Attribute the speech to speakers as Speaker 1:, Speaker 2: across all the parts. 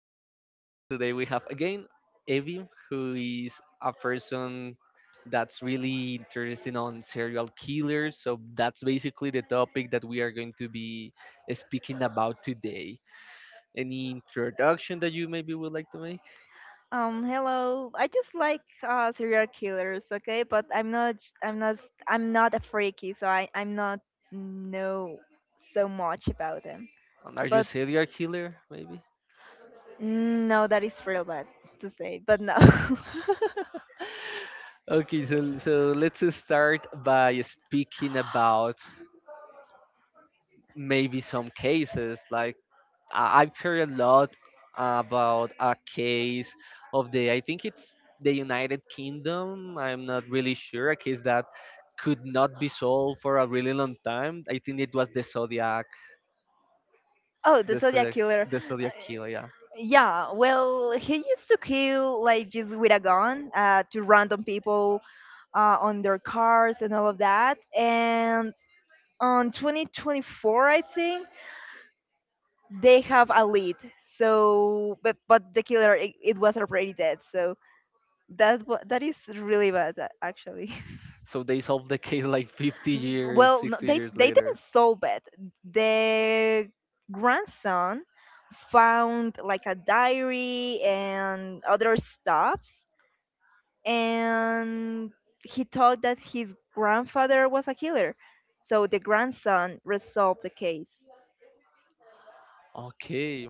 Speaker 1: your host. Today we have again Evie, who is a person that's really interested on serial killers. So that's basically the topic that we are going to be speaking about today. Any introduction that you maybe would like to make?
Speaker 2: Hello. I just like serial killers, okay? But I'm not i I'm not I'm not a freaky, so I'm not know so much about them.
Speaker 1: And are you a
Speaker 2: But
Speaker 1: serial killer, maybe?
Speaker 2: no, that is real bad to say, but no.
Speaker 1: Okay, so let's start by speaking about maybe some cases. Like I've heard a lot about a case I think it's the United Kingdom. I'm not really sure. A case that could not be solved for a really long time. I think it was
Speaker 2: Oh, the
Speaker 1: the
Speaker 2: Zodiac
Speaker 1: Zodiac,
Speaker 2: Killer.
Speaker 1: the Zodiac killer. Yeah.
Speaker 2: Yeah, well, he used to kill like just with a gun to random people on their cars and all of that. And on 2024, I think, they have a lead. So, but the killer it was already dead. So that is really bad actually.
Speaker 1: So they solved the case like 50 years,
Speaker 2: Well, no,
Speaker 1: 60
Speaker 2: they
Speaker 1: years
Speaker 2: they didn't
Speaker 1: later.
Speaker 2: solve it. The grandson found like a diary and other stuffs, and he thought that his grandfather was a killer. So the grandson resolved the case.
Speaker 1: Okay.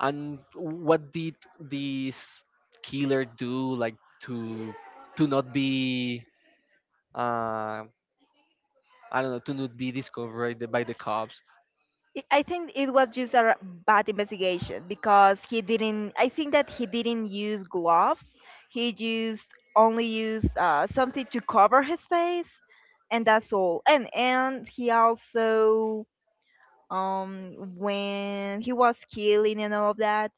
Speaker 1: And what did this killer do, like, to to not be, uh I don't know, to not be discovered by the cops?
Speaker 2: I think it was just a bad investigation because he didn't. I think that he didn't use gloves. He used something to cover his face, and that's all. And he also when he was killing and all of that,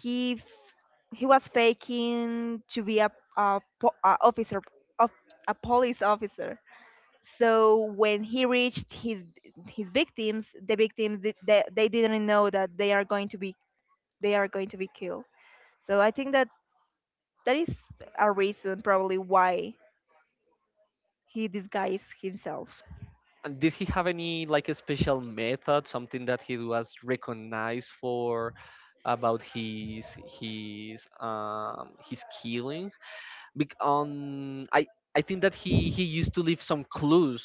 Speaker 2: he f- he was faking to be a a officer of a police officer. So when he reached his victims, they didn't know that they are going to be killed. So I think that that is a reason probably why he disguised himself.
Speaker 1: And did he have any like a special method, something that he was recognized for about his killing? Because on I think that he used to leave some clues,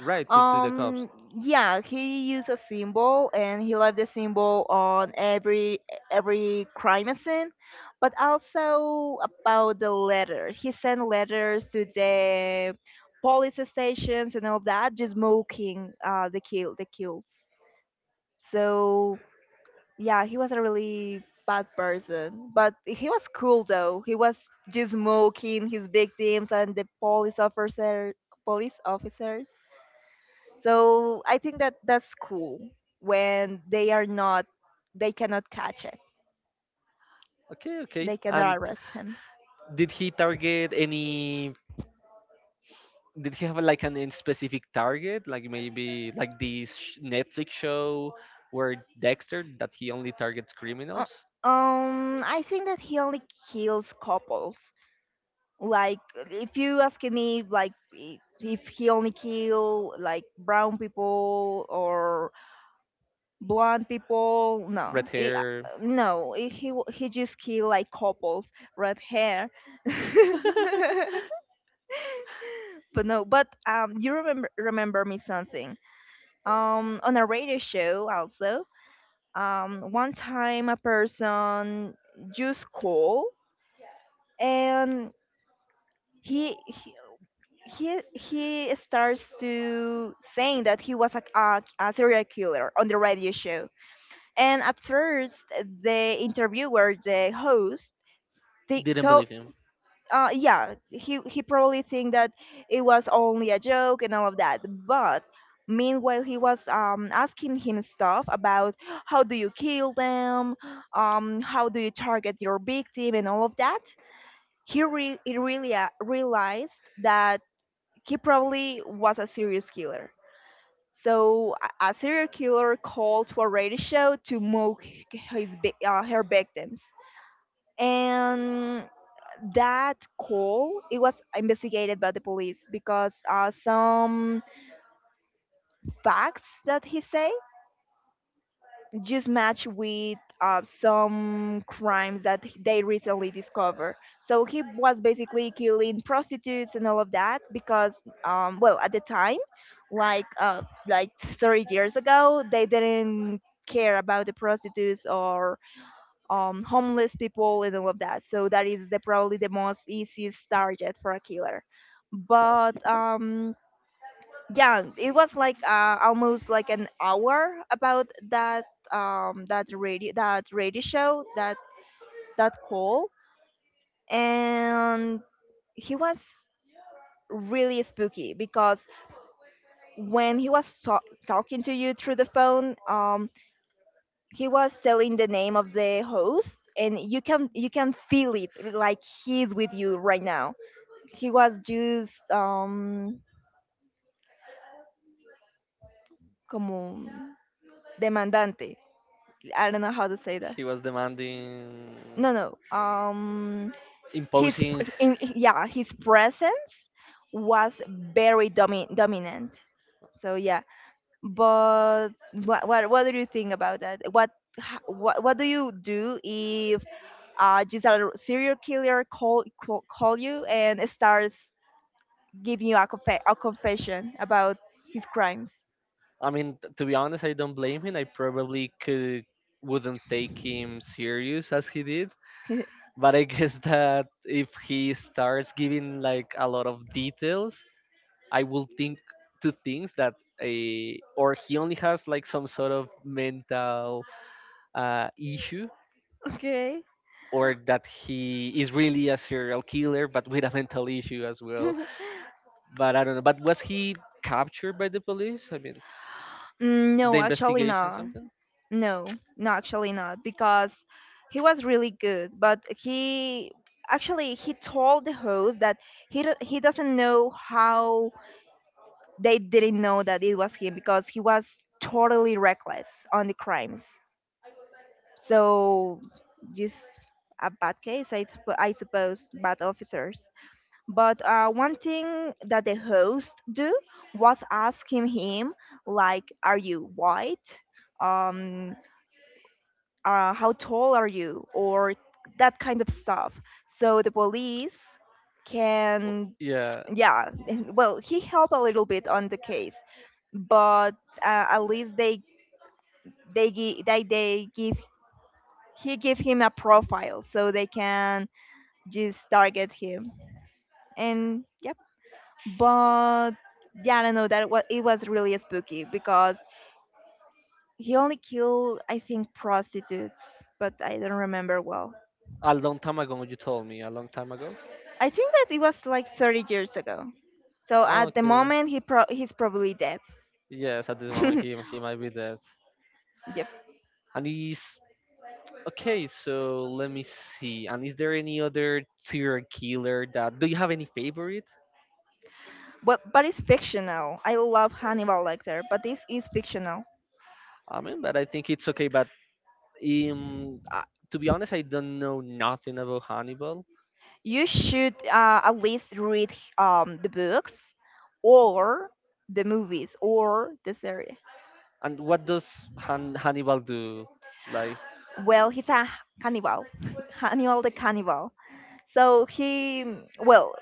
Speaker 1: right, to the cops.
Speaker 2: Um, yeah, he used a symbol and he left the symbol on every crime scene, but also about the letter. He sent letters to the police stations and all that, just mocking the kill the kills. So yeah, he was a really bad person, but he was cool though. He was just mocking his victims and the police officers. So I think that that's cool when they are not, they cannot catch it.
Speaker 1: Okay, okay.
Speaker 2: They cannot
Speaker 1: And
Speaker 2: arrest him.
Speaker 1: did he target any? Did he have like an in specific target, like maybe like this Netflix show where Dexter that he only targets
Speaker 2: Uh,
Speaker 1: criminals?
Speaker 2: I think that he only kills couples. Like, if you asking me, like, if he only kill like brown people or blonde people, no,
Speaker 1: Red
Speaker 2: it,
Speaker 1: hair.
Speaker 2: no, it, he w- he just kill like couples, red hair. But no, but you remember me something on a radio show also. One time a person just call, and he he he starts to saying that he was a serial killer on the radio show. And at first the host, they
Speaker 1: Didn't believe him.
Speaker 2: yeah, he probably think that it was only a joke and all of that. But meanwhile he was asking him stuff about how do you kill them, how do you target your victim and all of that. He really realized that he probably was a serious killer. So a serial killer called to a radio show to mock her victims. And that call, it was investigated by the police because some facts that he say just match with some crimes that they recently discovered. So he was basically killing prostitutes and all of that because well, at the time like 30 years ago they didn't care about the prostitutes or homeless people and all of that. So that is the probably the most easiest target for a killer. But yeah, it was like almost like an hour about that, that radio show, that that call. And he was really spooky because when he was talking to you through the phone, he was telling the name of the host and you can feel it like he's with you right now. He was just como demandante. I don't know how to say that.
Speaker 1: He was demanding,
Speaker 2: No, his
Speaker 1: imposing.
Speaker 2: yeah, his presence was very dominant. So yeah. But what do you think about that? What h- What do you do if just a serial killer call you and starts giving you a confession about his crimes?
Speaker 1: I mean, to be honest, I don't blame him. I probably could wouldn't take him serious as he did.
Speaker 2: Mm.
Speaker 1: But I guess that if he starts giving like a lot of details, I will think two things, that a or he only has like some sort of mental issue,
Speaker 2: Okay.
Speaker 1: or that he is really a serial killer but with a mental issue as well. But I don't know, but was he captured by the police? I mean, the
Speaker 2: No, actually
Speaker 1: investigation,
Speaker 2: not.
Speaker 1: something.
Speaker 2: No, no, actually not. Because he was really good, but he told the host that he doesn't know how they didn't know that it was him because he was totally reckless on the crimes. So just a bad case, I suppose, bad officers. But one thing that the host do was asking him, like, are you white? Um, how tall are you? Or that kind of stuff. So the police
Speaker 1: Oh,
Speaker 2: can,
Speaker 1: yeah,
Speaker 2: yeah, well, he helped a little bit on the case, but at least they give he give him a profile so they can just target him. And yep, but yeah, I don't know that what it was really spooky because he only killed I think prostitutes, but I don't remember well.
Speaker 1: a long time ago you told me a long time ago.
Speaker 2: I think that it was like 30 years ago. So at the
Speaker 1: Okay,
Speaker 2: moment he's probably dead.
Speaker 1: yes, at this moment he, he might be dead.
Speaker 2: Yep.
Speaker 1: And he's okay, so let me see, and is there any other serial killer that do you have any favorite?
Speaker 2: But it's fictional. I love Hannibal Lecter, but this is fictional.
Speaker 1: I mean, but I think it's okay, but Um, uh, to be honest, I don't know nothing about Hannibal.
Speaker 2: You should at least read the books or the movies or the series.
Speaker 1: And what does Hannibal do? Like,
Speaker 2: Well, he's a cannibal, Hannibal the cannibal. So he, well,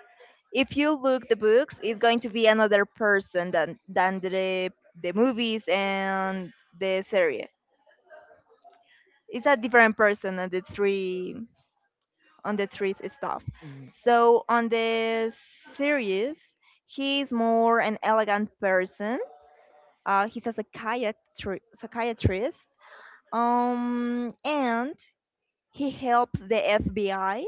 Speaker 2: if you look the books, it's going to be another person than the movies and the series. It's a different person on the three stuff.
Speaker 1: mm,
Speaker 2: So on the series, he's more an elegant person. He's a psychiatrist, and he helps the FBI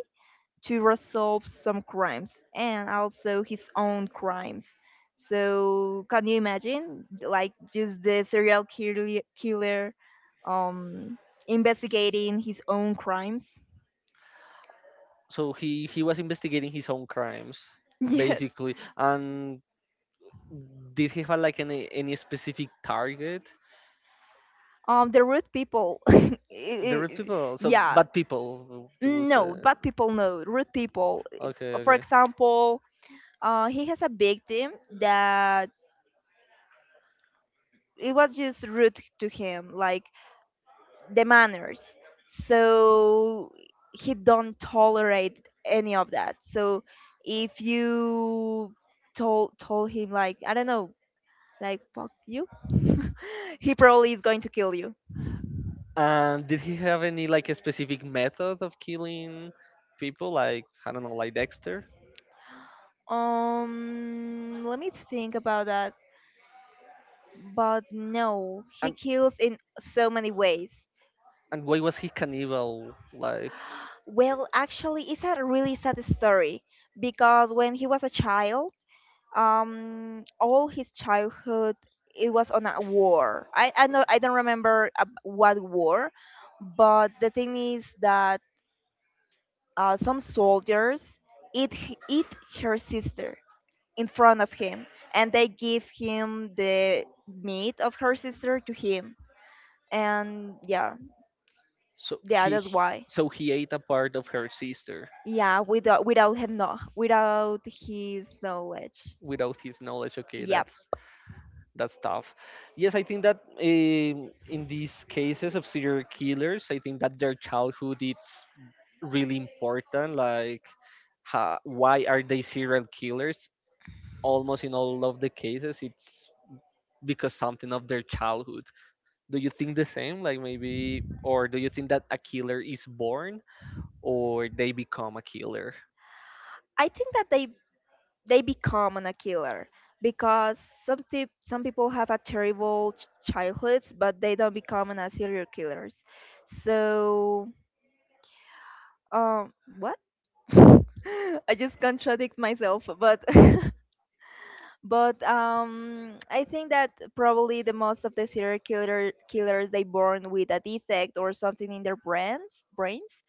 Speaker 2: to resolve some crimes and also his own crimes. So, can you imagine, like, just the killer um, investigating his own crimes?
Speaker 1: so he was investigating his own crimes,
Speaker 2: Yes.
Speaker 1: basically. And did he have like any specific target?
Speaker 2: The rude people.
Speaker 1: The red
Speaker 2: I-
Speaker 1: people, so
Speaker 2: yeah.
Speaker 1: bad people. You will
Speaker 2: Mm,
Speaker 1: say.
Speaker 2: no, bad people, no. Rude people.
Speaker 1: Okay,
Speaker 2: For
Speaker 1: okay.
Speaker 2: example, he has a victim that it was just rude to him, like the manners. So he don't tolerate any of that. So if you told him like I don't know, like fuck you, he probably is going to kill you.
Speaker 1: And did he have any like a specific method of killing people, like I don't know, like Dexter?
Speaker 2: Let me think about that. But no, he
Speaker 1: And
Speaker 2: kills in so many ways.
Speaker 1: And why was he cannibal? Like,
Speaker 2: Well, actually, it's a really sad story because when he was a child, all his childhood it was on a war. I know I don't remember what war, but the thing is that some soldiers eat her sister in front of him, and they give him the meat of her sister to him. And yeah,
Speaker 1: so
Speaker 2: yeah, that's why.
Speaker 1: so he ate a part of her sister
Speaker 2: Yeah, without him no without his knowledge.
Speaker 1: without his knowledge. Okay,
Speaker 2: Yep.
Speaker 1: that's tough. Yes, I think that in these cases of serial killers, I think that their childhood it's really important. Like, why are they serial killers? Almost in all of the cases it's because something of their childhood. Do you think the same, like, maybe? Or do you think that a killer is born or they become a killer?
Speaker 2: I think that they become an a killer because some people have a terrible childhoods but they don't become an a serial killers. So what? I just contradict myself, but but I think that probably the most of the serial killer killers they born with a defect or something in their brains,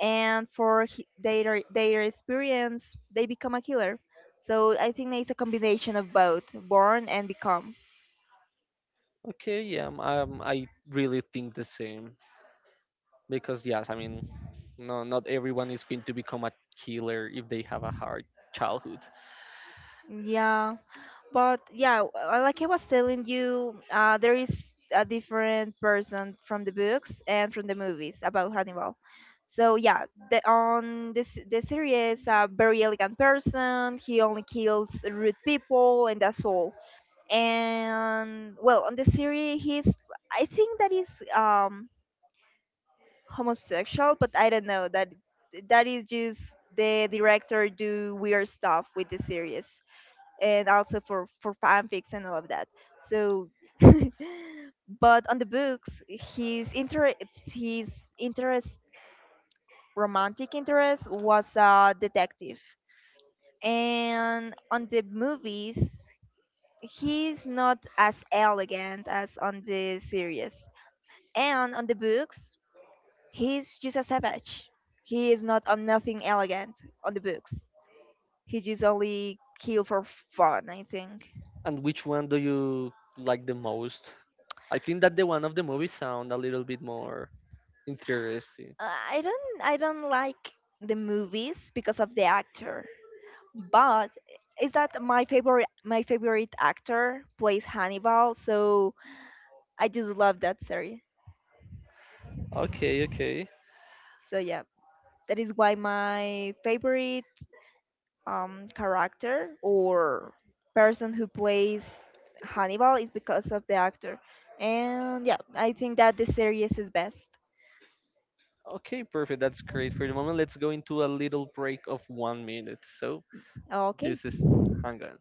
Speaker 2: and for their experience they become a killer. So I think it's a combination of both, born and become.
Speaker 1: Okay, yeah, I really think the same, because yes, I mean, no, not everyone is going to become a killer if they have a hard childhood.
Speaker 2: Yeah. But yeah, like I was telling you, there is a different person from the books and from the movies about Hannibal. So yeah, the on this the series, a very elegant person. He only kills rude people, and that's all. And well, on the series, he's I think that is um homosexual, but I don't know, that is just the director do weird stuff with the series and also for fanfics and all of that. So, but on the books, his inter his interest, romantic interest, was a detective, and on the movies, he's not as elegant as on the series, and on the books, he's just a savage. He is not on nothing elegant on the books. He just only kill for fun, I think.
Speaker 1: And which one do you like the most? I think that the one of the movie sound a little bit more interesting.
Speaker 2: I don't like the movies because of the actor. But is that my favorite actor plays Hannibal, so I just love that series.
Speaker 1: Okay, okay.
Speaker 2: So yeah, that is why my favorite character or person who plays Hannibal is because of the actor. And yeah, I think that the series is best.
Speaker 1: Okay, perfect. That's great for the moment. Let's go into a little break of one minute. So
Speaker 2: Okay.
Speaker 1: just hang on.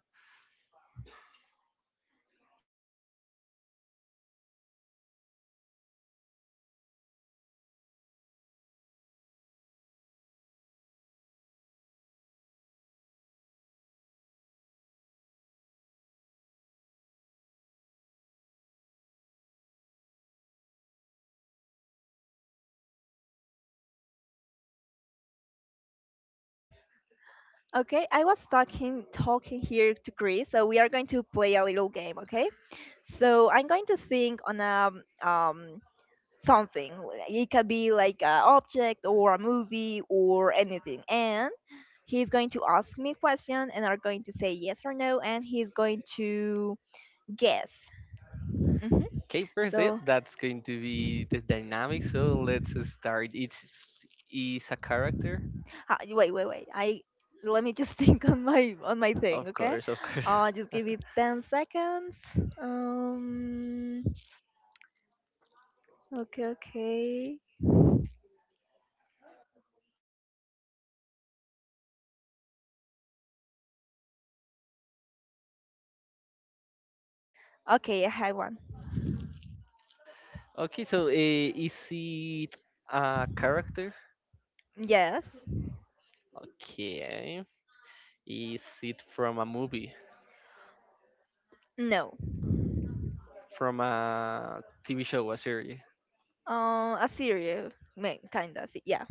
Speaker 2: Okay, I was talking here to Chris, so we are going to play a little game, okay? So I'm going to think on a um, something. Like, it could be like an object or a movie or anything. And he's going to ask me a question, and I'm going to say yes or no, and he's going to guess. Hmm.
Speaker 1: Okay, first, yep,
Speaker 2: So
Speaker 1: that's going to be the dynamic. So let's start. It's is a character,
Speaker 2: wait. I Let me just think on my thing.
Speaker 1: of
Speaker 2: Okay,
Speaker 1: course, of course.
Speaker 2: just give me 10 seconds. Um. Okay. Okay. Okay. I have one.
Speaker 1: Okay, so is it a character?
Speaker 2: Yes.
Speaker 1: Okay, is it from a movie,
Speaker 2: No.
Speaker 1: from a TV show, a series?
Speaker 2: A serial, kinda. Yeah.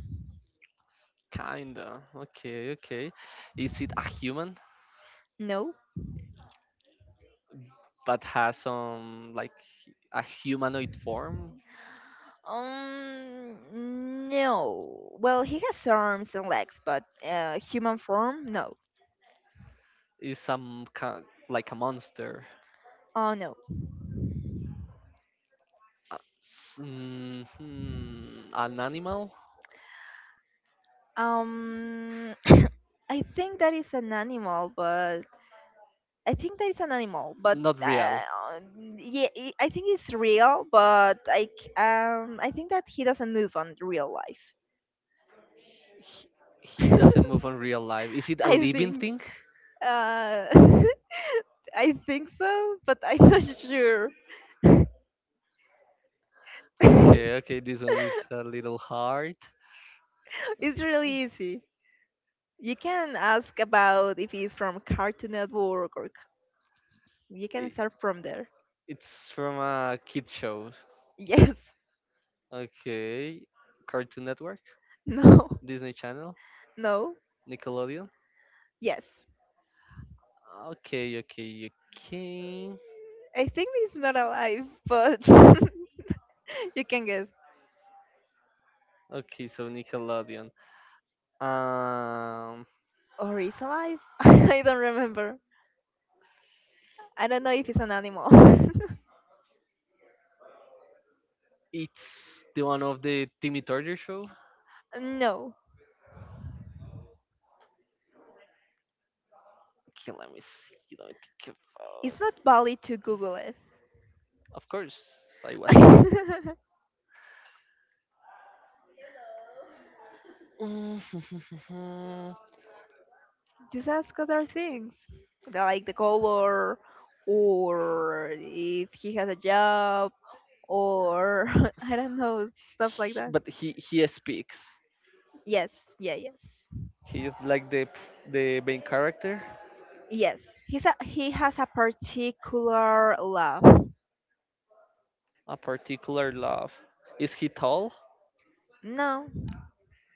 Speaker 1: Kinda. Okay, okay. Is it a human
Speaker 2: No.
Speaker 1: but has some like a humanoid form?
Speaker 2: Um. No. Well, he has arms and legs, but human form, no.
Speaker 1: Is some ki like a monster?
Speaker 2: Oh no.
Speaker 1: An animal?
Speaker 2: Um. I think that is an animal, but I think that is an animal, but
Speaker 1: Not
Speaker 2: uh,
Speaker 1: real.
Speaker 2: yeah, I think it's real, but I I think that he doesn't move on real life.
Speaker 1: He doesn't move on real life. Is it a
Speaker 2: I
Speaker 1: living
Speaker 2: think.
Speaker 1: thing?
Speaker 2: Uh, I think so, but I'm not sure.
Speaker 1: Okay, okay. This one is a little hard.
Speaker 2: It's really easy. You can ask about if it's from Cartoon Network you can
Speaker 1: I-
Speaker 2: start from there.
Speaker 1: It's from a kid show.
Speaker 2: Yes.
Speaker 1: Okay. Cartoon Network,
Speaker 2: No.
Speaker 1: Disney Channel,
Speaker 2: No.
Speaker 1: Nickelodeon.
Speaker 2: Yes.
Speaker 1: Okay, okay, okay.
Speaker 2: I think it's not alive, but you can guess.
Speaker 1: Okay, so Nickelodeon. Um,
Speaker 2: Or is alive? I don't remember. I don't know if it's an animal.
Speaker 1: it's the one of the Timmy Turner show.
Speaker 2: No.
Speaker 1: Okay, let me see. Let me think about.
Speaker 2: It's not valid to Google it.
Speaker 1: Of course, I was.
Speaker 2: Just ask other things, like the color, or if he has a job, or I don't know, stuff like that.
Speaker 1: But he speaks.
Speaker 2: Yes. Yeah, yes.
Speaker 1: He is like the main character.
Speaker 2: Yes, he's a, he has a particular love.
Speaker 1: A particular love. Is he tall?
Speaker 2: No.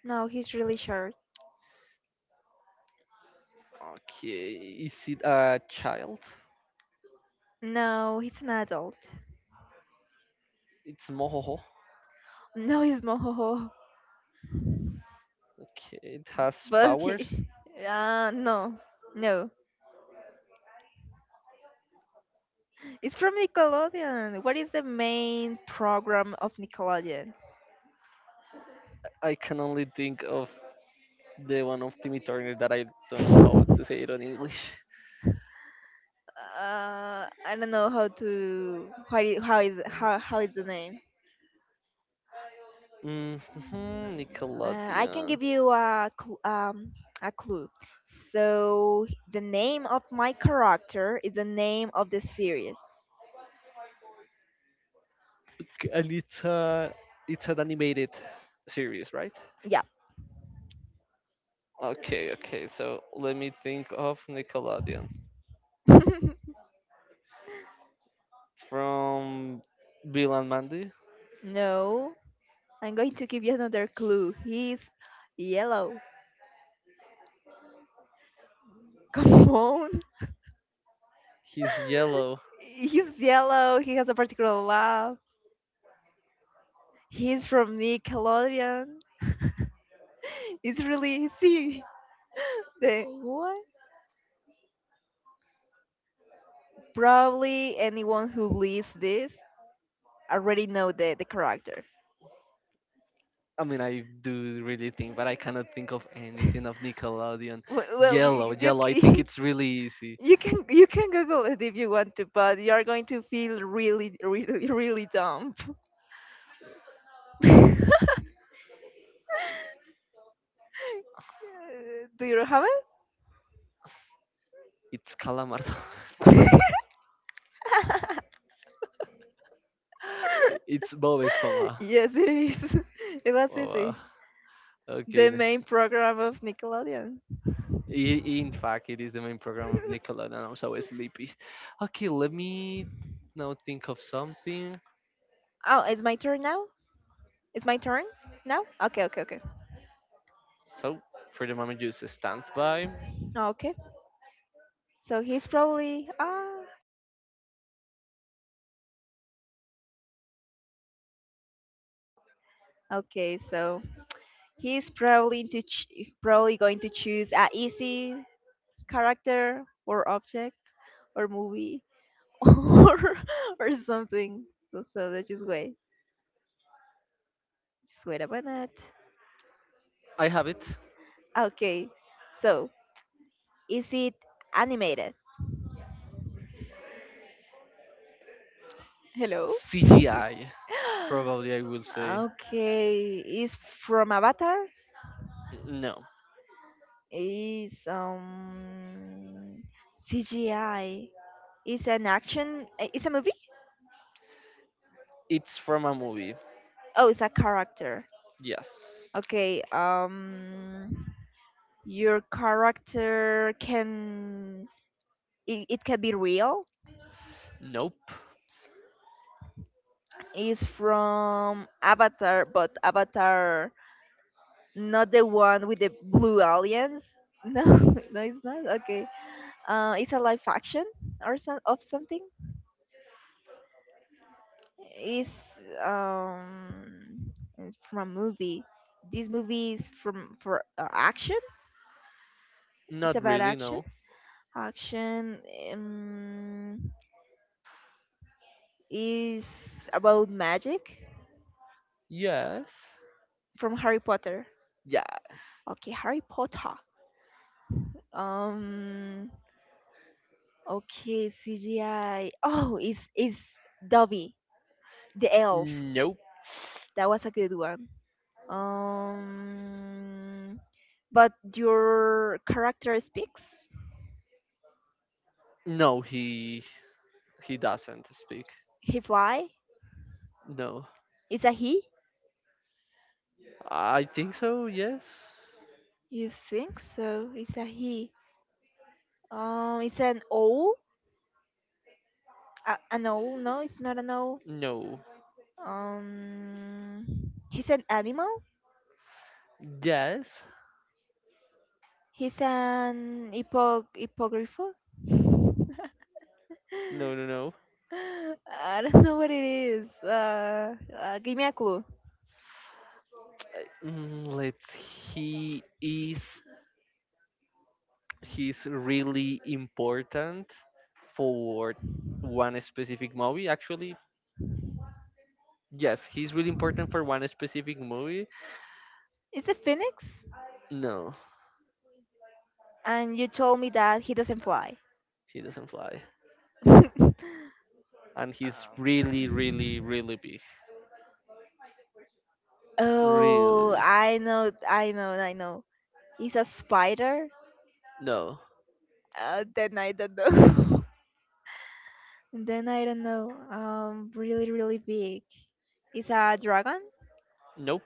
Speaker 2: No, he's really short.
Speaker 1: Okay. Is it a child?
Speaker 2: No, he's an adult.
Speaker 1: It's Mohoho.
Speaker 2: No, he's moho.
Speaker 1: Okay. It has
Speaker 2: But he
Speaker 1: powers.
Speaker 2: no. No, it's from Nickelodeon. What is the main program of Nickelodeon?
Speaker 1: I can only think of the one of Timmy Turner that I don't know how to say it on English.
Speaker 2: I don't know how to how I-
Speaker 1: Uh,
Speaker 2: how is the name.
Speaker 1: Mm-hmm,
Speaker 2: I can
Speaker 1: Nickelodeon.
Speaker 2: give you a a clue. So the name of my character is the name of the series.
Speaker 1: And it's a it's an animated series, right?
Speaker 2: Yeah.
Speaker 1: Okay, okay. So let me think of Nickelodeon. From Bill and Mandy.
Speaker 2: No, I'm going to give you another clue. He's yellow. Come on.
Speaker 1: He's yellow.
Speaker 2: He's yellow. He has a particular laugh. He's from Nickelodeon. It's really easy. The what? Probably anyone who leads this already know the character.
Speaker 1: I mean, I do really think, but I cannot think of anything of Nickelodeon.
Speaker 2: Well,
Speaker 1: Yellow,
Speaker 2: you,
Speaker 1: yellow. I think it's really easy.
Speaker 2: you can Google it if you want to, but you are going to feel really, really, really dumb. Do you have it?
Speaker 1: It's Calamardo. It's Bob Esponja.
Speaker 2: Yes, it is. It was
Speaker 1: Oh, wow.
Speaker 2: easy.
Speaker 1: Okay.
Speaker 2: The main program of Nickelodeon.
Speaker 1: I- In fact, it is the main program of Nickelodeon. I'm so sleepy. Okay, let me now think of something.
Speaker 2: Oh, it's my turn now? It's my turn now? Okay, okay, okay.
Speaker 1: So, for the moment, just stand by.
Speaker 2: Okay. So he's probably okay, so he's probably probably going to choose a easy character, or object, or movie, or or something. So, so let's just wait. Just wait a minute.
Speaker 1: I have it.
Speaker 2: Okay. So is it animated? Hello.
Speaker 1: CGI. Probably, I will say.
Speaker 2: Okay. Is from Avatar?
Speaker 1: No.
Speaker 2: Is CGI? Is an action? Is a movie?
Speaker 1: It's from a movie.
Speaker 2: Oh, it's a character.
Speaker 1: Yes.
Speaker 2: Okay. Your character can it can be real.
Speaker 1: Nope.
Speaker 2: Is from Avatar, but Avatar, not the one with the blue aliens. No. No, it's not. Okay, uh, it's a live action or some of something. Is, um, it's from a movie. This movie is from for, action. It's
Speaker 1: Not
Speaker 2: about
Speaker 1: really,
Speaker 2: action.
Speaker 1: no.
Speaker 2: Action. um, is about magic.
Speaker 1: Yes.
Speaker 2: From Harry Potter.
Speaker 1: Yes.
Speaker 2: Okay, Harry Potter. Um. Okay, CGI. Oh, is Dobby the elf?
Speaker 1: Nope.
Speaker 2: That was a good one. Um. But your character speaks.
Speaker 1: No, he doesn't speak.
Speaker 2: He fly.
Speaker 1: No.
Speaker 2: Is a he?
Speaker 1: I think so, yes.
Speaker 2: You think so? It's a he. It's an owl. A, an owl? No, it's not an owl.
Speaker 1: No.
Speaker 2: Um. He's an animal.
Speaker 1: Yes.
Speaker 2: He's an hippogriffo.
Speaker 1: No, no, no.
Speaker 2: I don't know what it is. Give me a clue.
Speaker 1: Mm, let's he is he's really important for one specific movie, actually. Yes, he's really important for one specific movie.
Speaker 2: It's a phoenix,
Speaker 1: No.
Speaker 2: and you told me that he doesn't fly.
Speaker 1: He doesn't fly. And he's
Speaker 2: Um,
Speaker 1: really, really, really big. Really
Speaker 2: oh,
Speaker 1: big.
Speaker 2: I know, I know, I know. It's a spider.
Speaker 1: No.
Speaker 2: Then I don't know. Then I don't know. Really, really big. It's a dragon.
Speaker 1: Nope.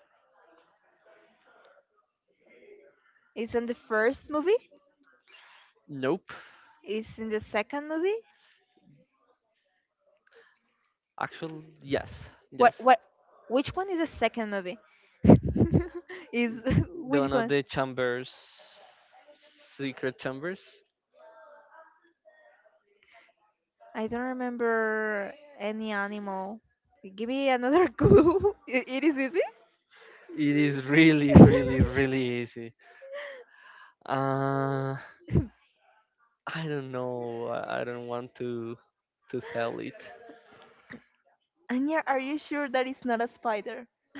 Speaker 2: It's in the first movie.
Speaker 1: Nope.
Speaker 2: It's in the second movie.
Speaker 1: Actually, yes.
Speaker 2: What?
Speaker 1: Yes.
Speaker 2: What? Which one is the second movie? is
Speaker 1: The
Speaker 2: Which
Speaker 1: one of
Speaker 2: one?
Speaker 1: the chambers. Secret chambers.
Speaker 2: I don't remember any animal. Give me another clue. It is easy.
Speaker 1: It is really, really, really easy. Uh, I don't know. I don't want to sell it.
Speaker 2: Anya, are you sure that it's not a spider?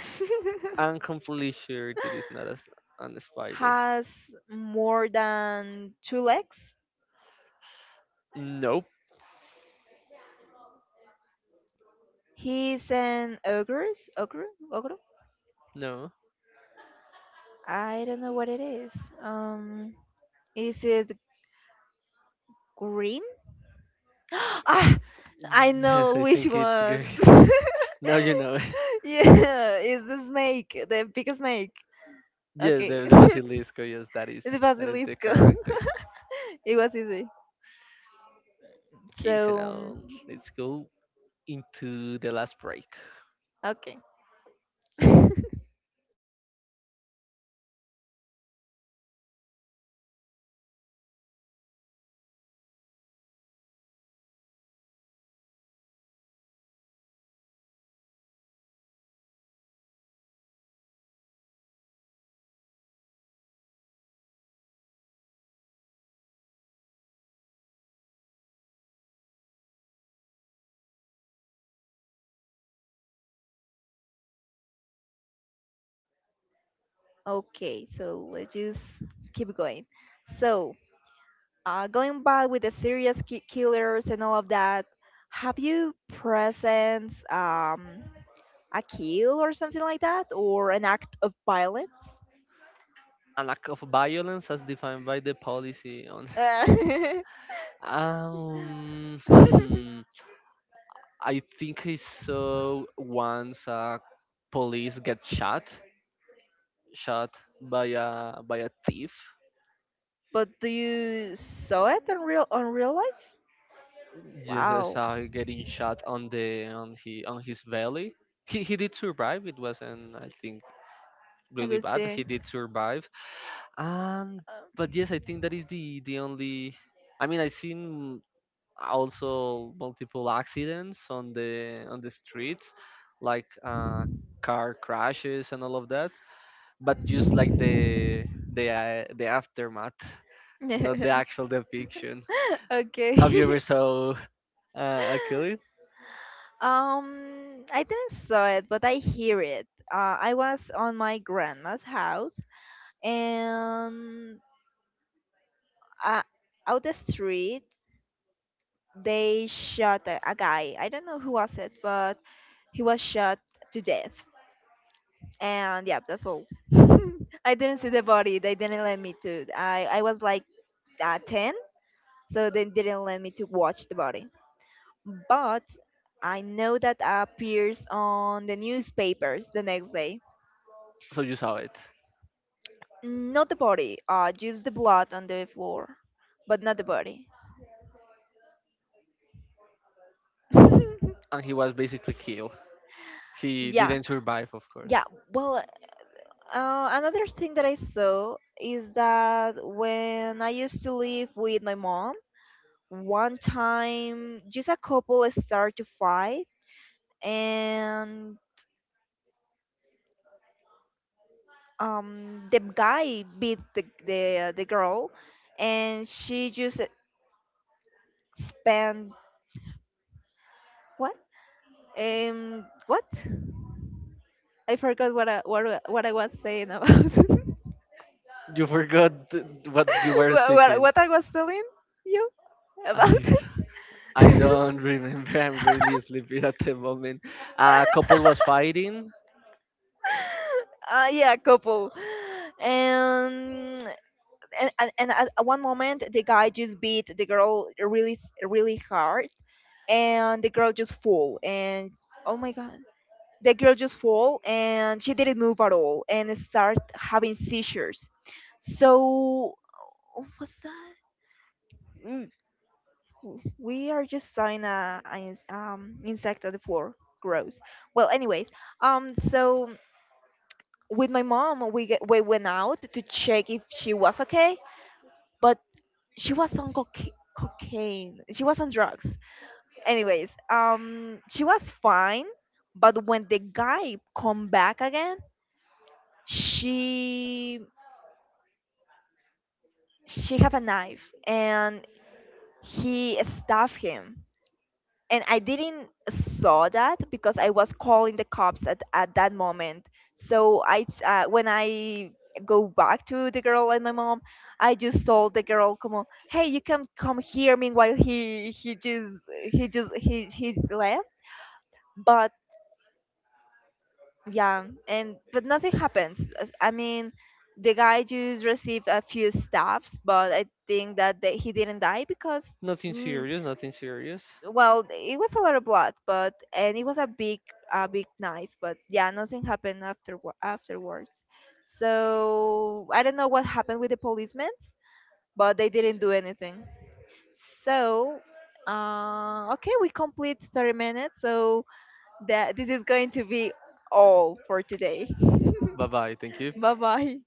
Speaker 1: I'm completely sure it is not a spider.
Speaker 2: Has more than two legs.
Speaker 1: Nope.
Speaker 2: He's an ogre. Ogre? Ogre?
Speaker 1: No.
Speaker 2: I don't know what it is. Um, is it green? Ah, I
Speaker 1: Yes,
Speaker 2: know
Speaker 1: I
Speaker 2: which
Speaker 1: think it's good.
Speaker 2: one.
Speaker 1: Now you know.
Speaker 2: Yeah, it's the snake, the big snake.
Speaker 1: Yes,
Speaker 2: Okay.
Speaker 1: the Basilisco. Yes, that is
Speaker 2: The
Speaker 1: the
Speaker 2: basilisco.
Speaker 1: character.
Speaker 2: It was easy.
Speaker 1: Okay, so
Speaker 2: So,
Speaker 1: now let's go into the last break.
Speaker 2: okay. Okay, so let's just keep going. So, going back with the serious ki killers and all of that, have you presenced a kill or something like that, or an act of violence?
Speaker 1: A lack of violence as defined by the policy on.
Speaker 2: Uh,
Speaker 1: Hmm. I think I saw once a police get shot, shot by a thief.
Speaker 2: But do you saw it on real life?
Speaker 1: Just I
Speaker 2: Wow,
Speaker 1: saw him getting shot on his belly. He did survive. It wasn't, I think,
Speaker 2: a
Speaker 1: really
Speaker 2: good
Speaker 1: bad. He
Speaker 2: thing.
Speaker 1: did survive. Um, but yes, I think that is the only. I mean, I've seen also multiple accidents on the streets, like, car crashes and all of that. But just like the aftermath, not the
Speaker 2: Um,
Speaker 1: actual depiction.
Speaker 2: okay.
Speaker 1: Have you ever saw a killing?
Speaker 2: I didn't saw it, but I hear it. I was on my grandma's house, and uh, out the street they shot a guy. I don't know who was it, but he was shot to death. And yeah, that's all. I didn't see the body. They didn't let me to. I was like 10, so they didn't let me to watch the body, but I know that appears on the newspapers the next day.
Speaker 1: So you saw it,
Speaker 2: Not the body, uh, just the blood on the floor, but not the body.
Speaker 1: and he was basically killed. He
Speaker 2: Yeah.
Speaker 1: didn't survive, of course.
Speaker 2: Yeah, well, another thing that I saw is that when I used to live with my mom, one time just a couple start to fight, and the guy beat the girl, and she just spent what, what, I forgot what what I was saying about. What,
Speaker 1: You forgot what you were speaking.
Speaker 2: what I was telling you about.
Speaker 1: I, I
Speaker 2: Uh,
Speaker 1: don't remember. I'm really sleepy at the moment. A couple was fighting.
Speaker 2: yeah, couple. And and at one moment the guy just beat the girl really really hard, and the girl just fall, and oh my god, the girl just fall, and she didn't move at all, and start having seizures. So what's that? Mm, we are just sawing a insect on the floor. Gross. Well, anyways, um, so with my mom we, we went out to check if she was okay, but she was on cocaine. She was on drugs. Anyways, she was fine, but when the guy come back again, she she have a knife, and he stabbed him. And I didn't saw that because I was calling the cops at that moment. So when I go back to the girl and my mom, I just told the girl, "Come on, hey, you can come here." Meanwhile, he just he just he he's left. But yeah, and but nothing happens. As- I mean, the guy just received a few stabs, but I think that they, he didn't die because.
Speaker 1: Nothing
Speaker 2: Mm,
Speaker 1: serious, nothing serious.
Speaker 2: well, it was a lot of blood, but and it was a big knife. But yeah, nothing happened after afterwards. So I don't know what happened with the policemen, but they didn't do anything. So okay, we complete 30 minutes. So that this is going to be all for today.
Speaker 1: Bye bye. Thank you.
Speaker 2: Bye bye.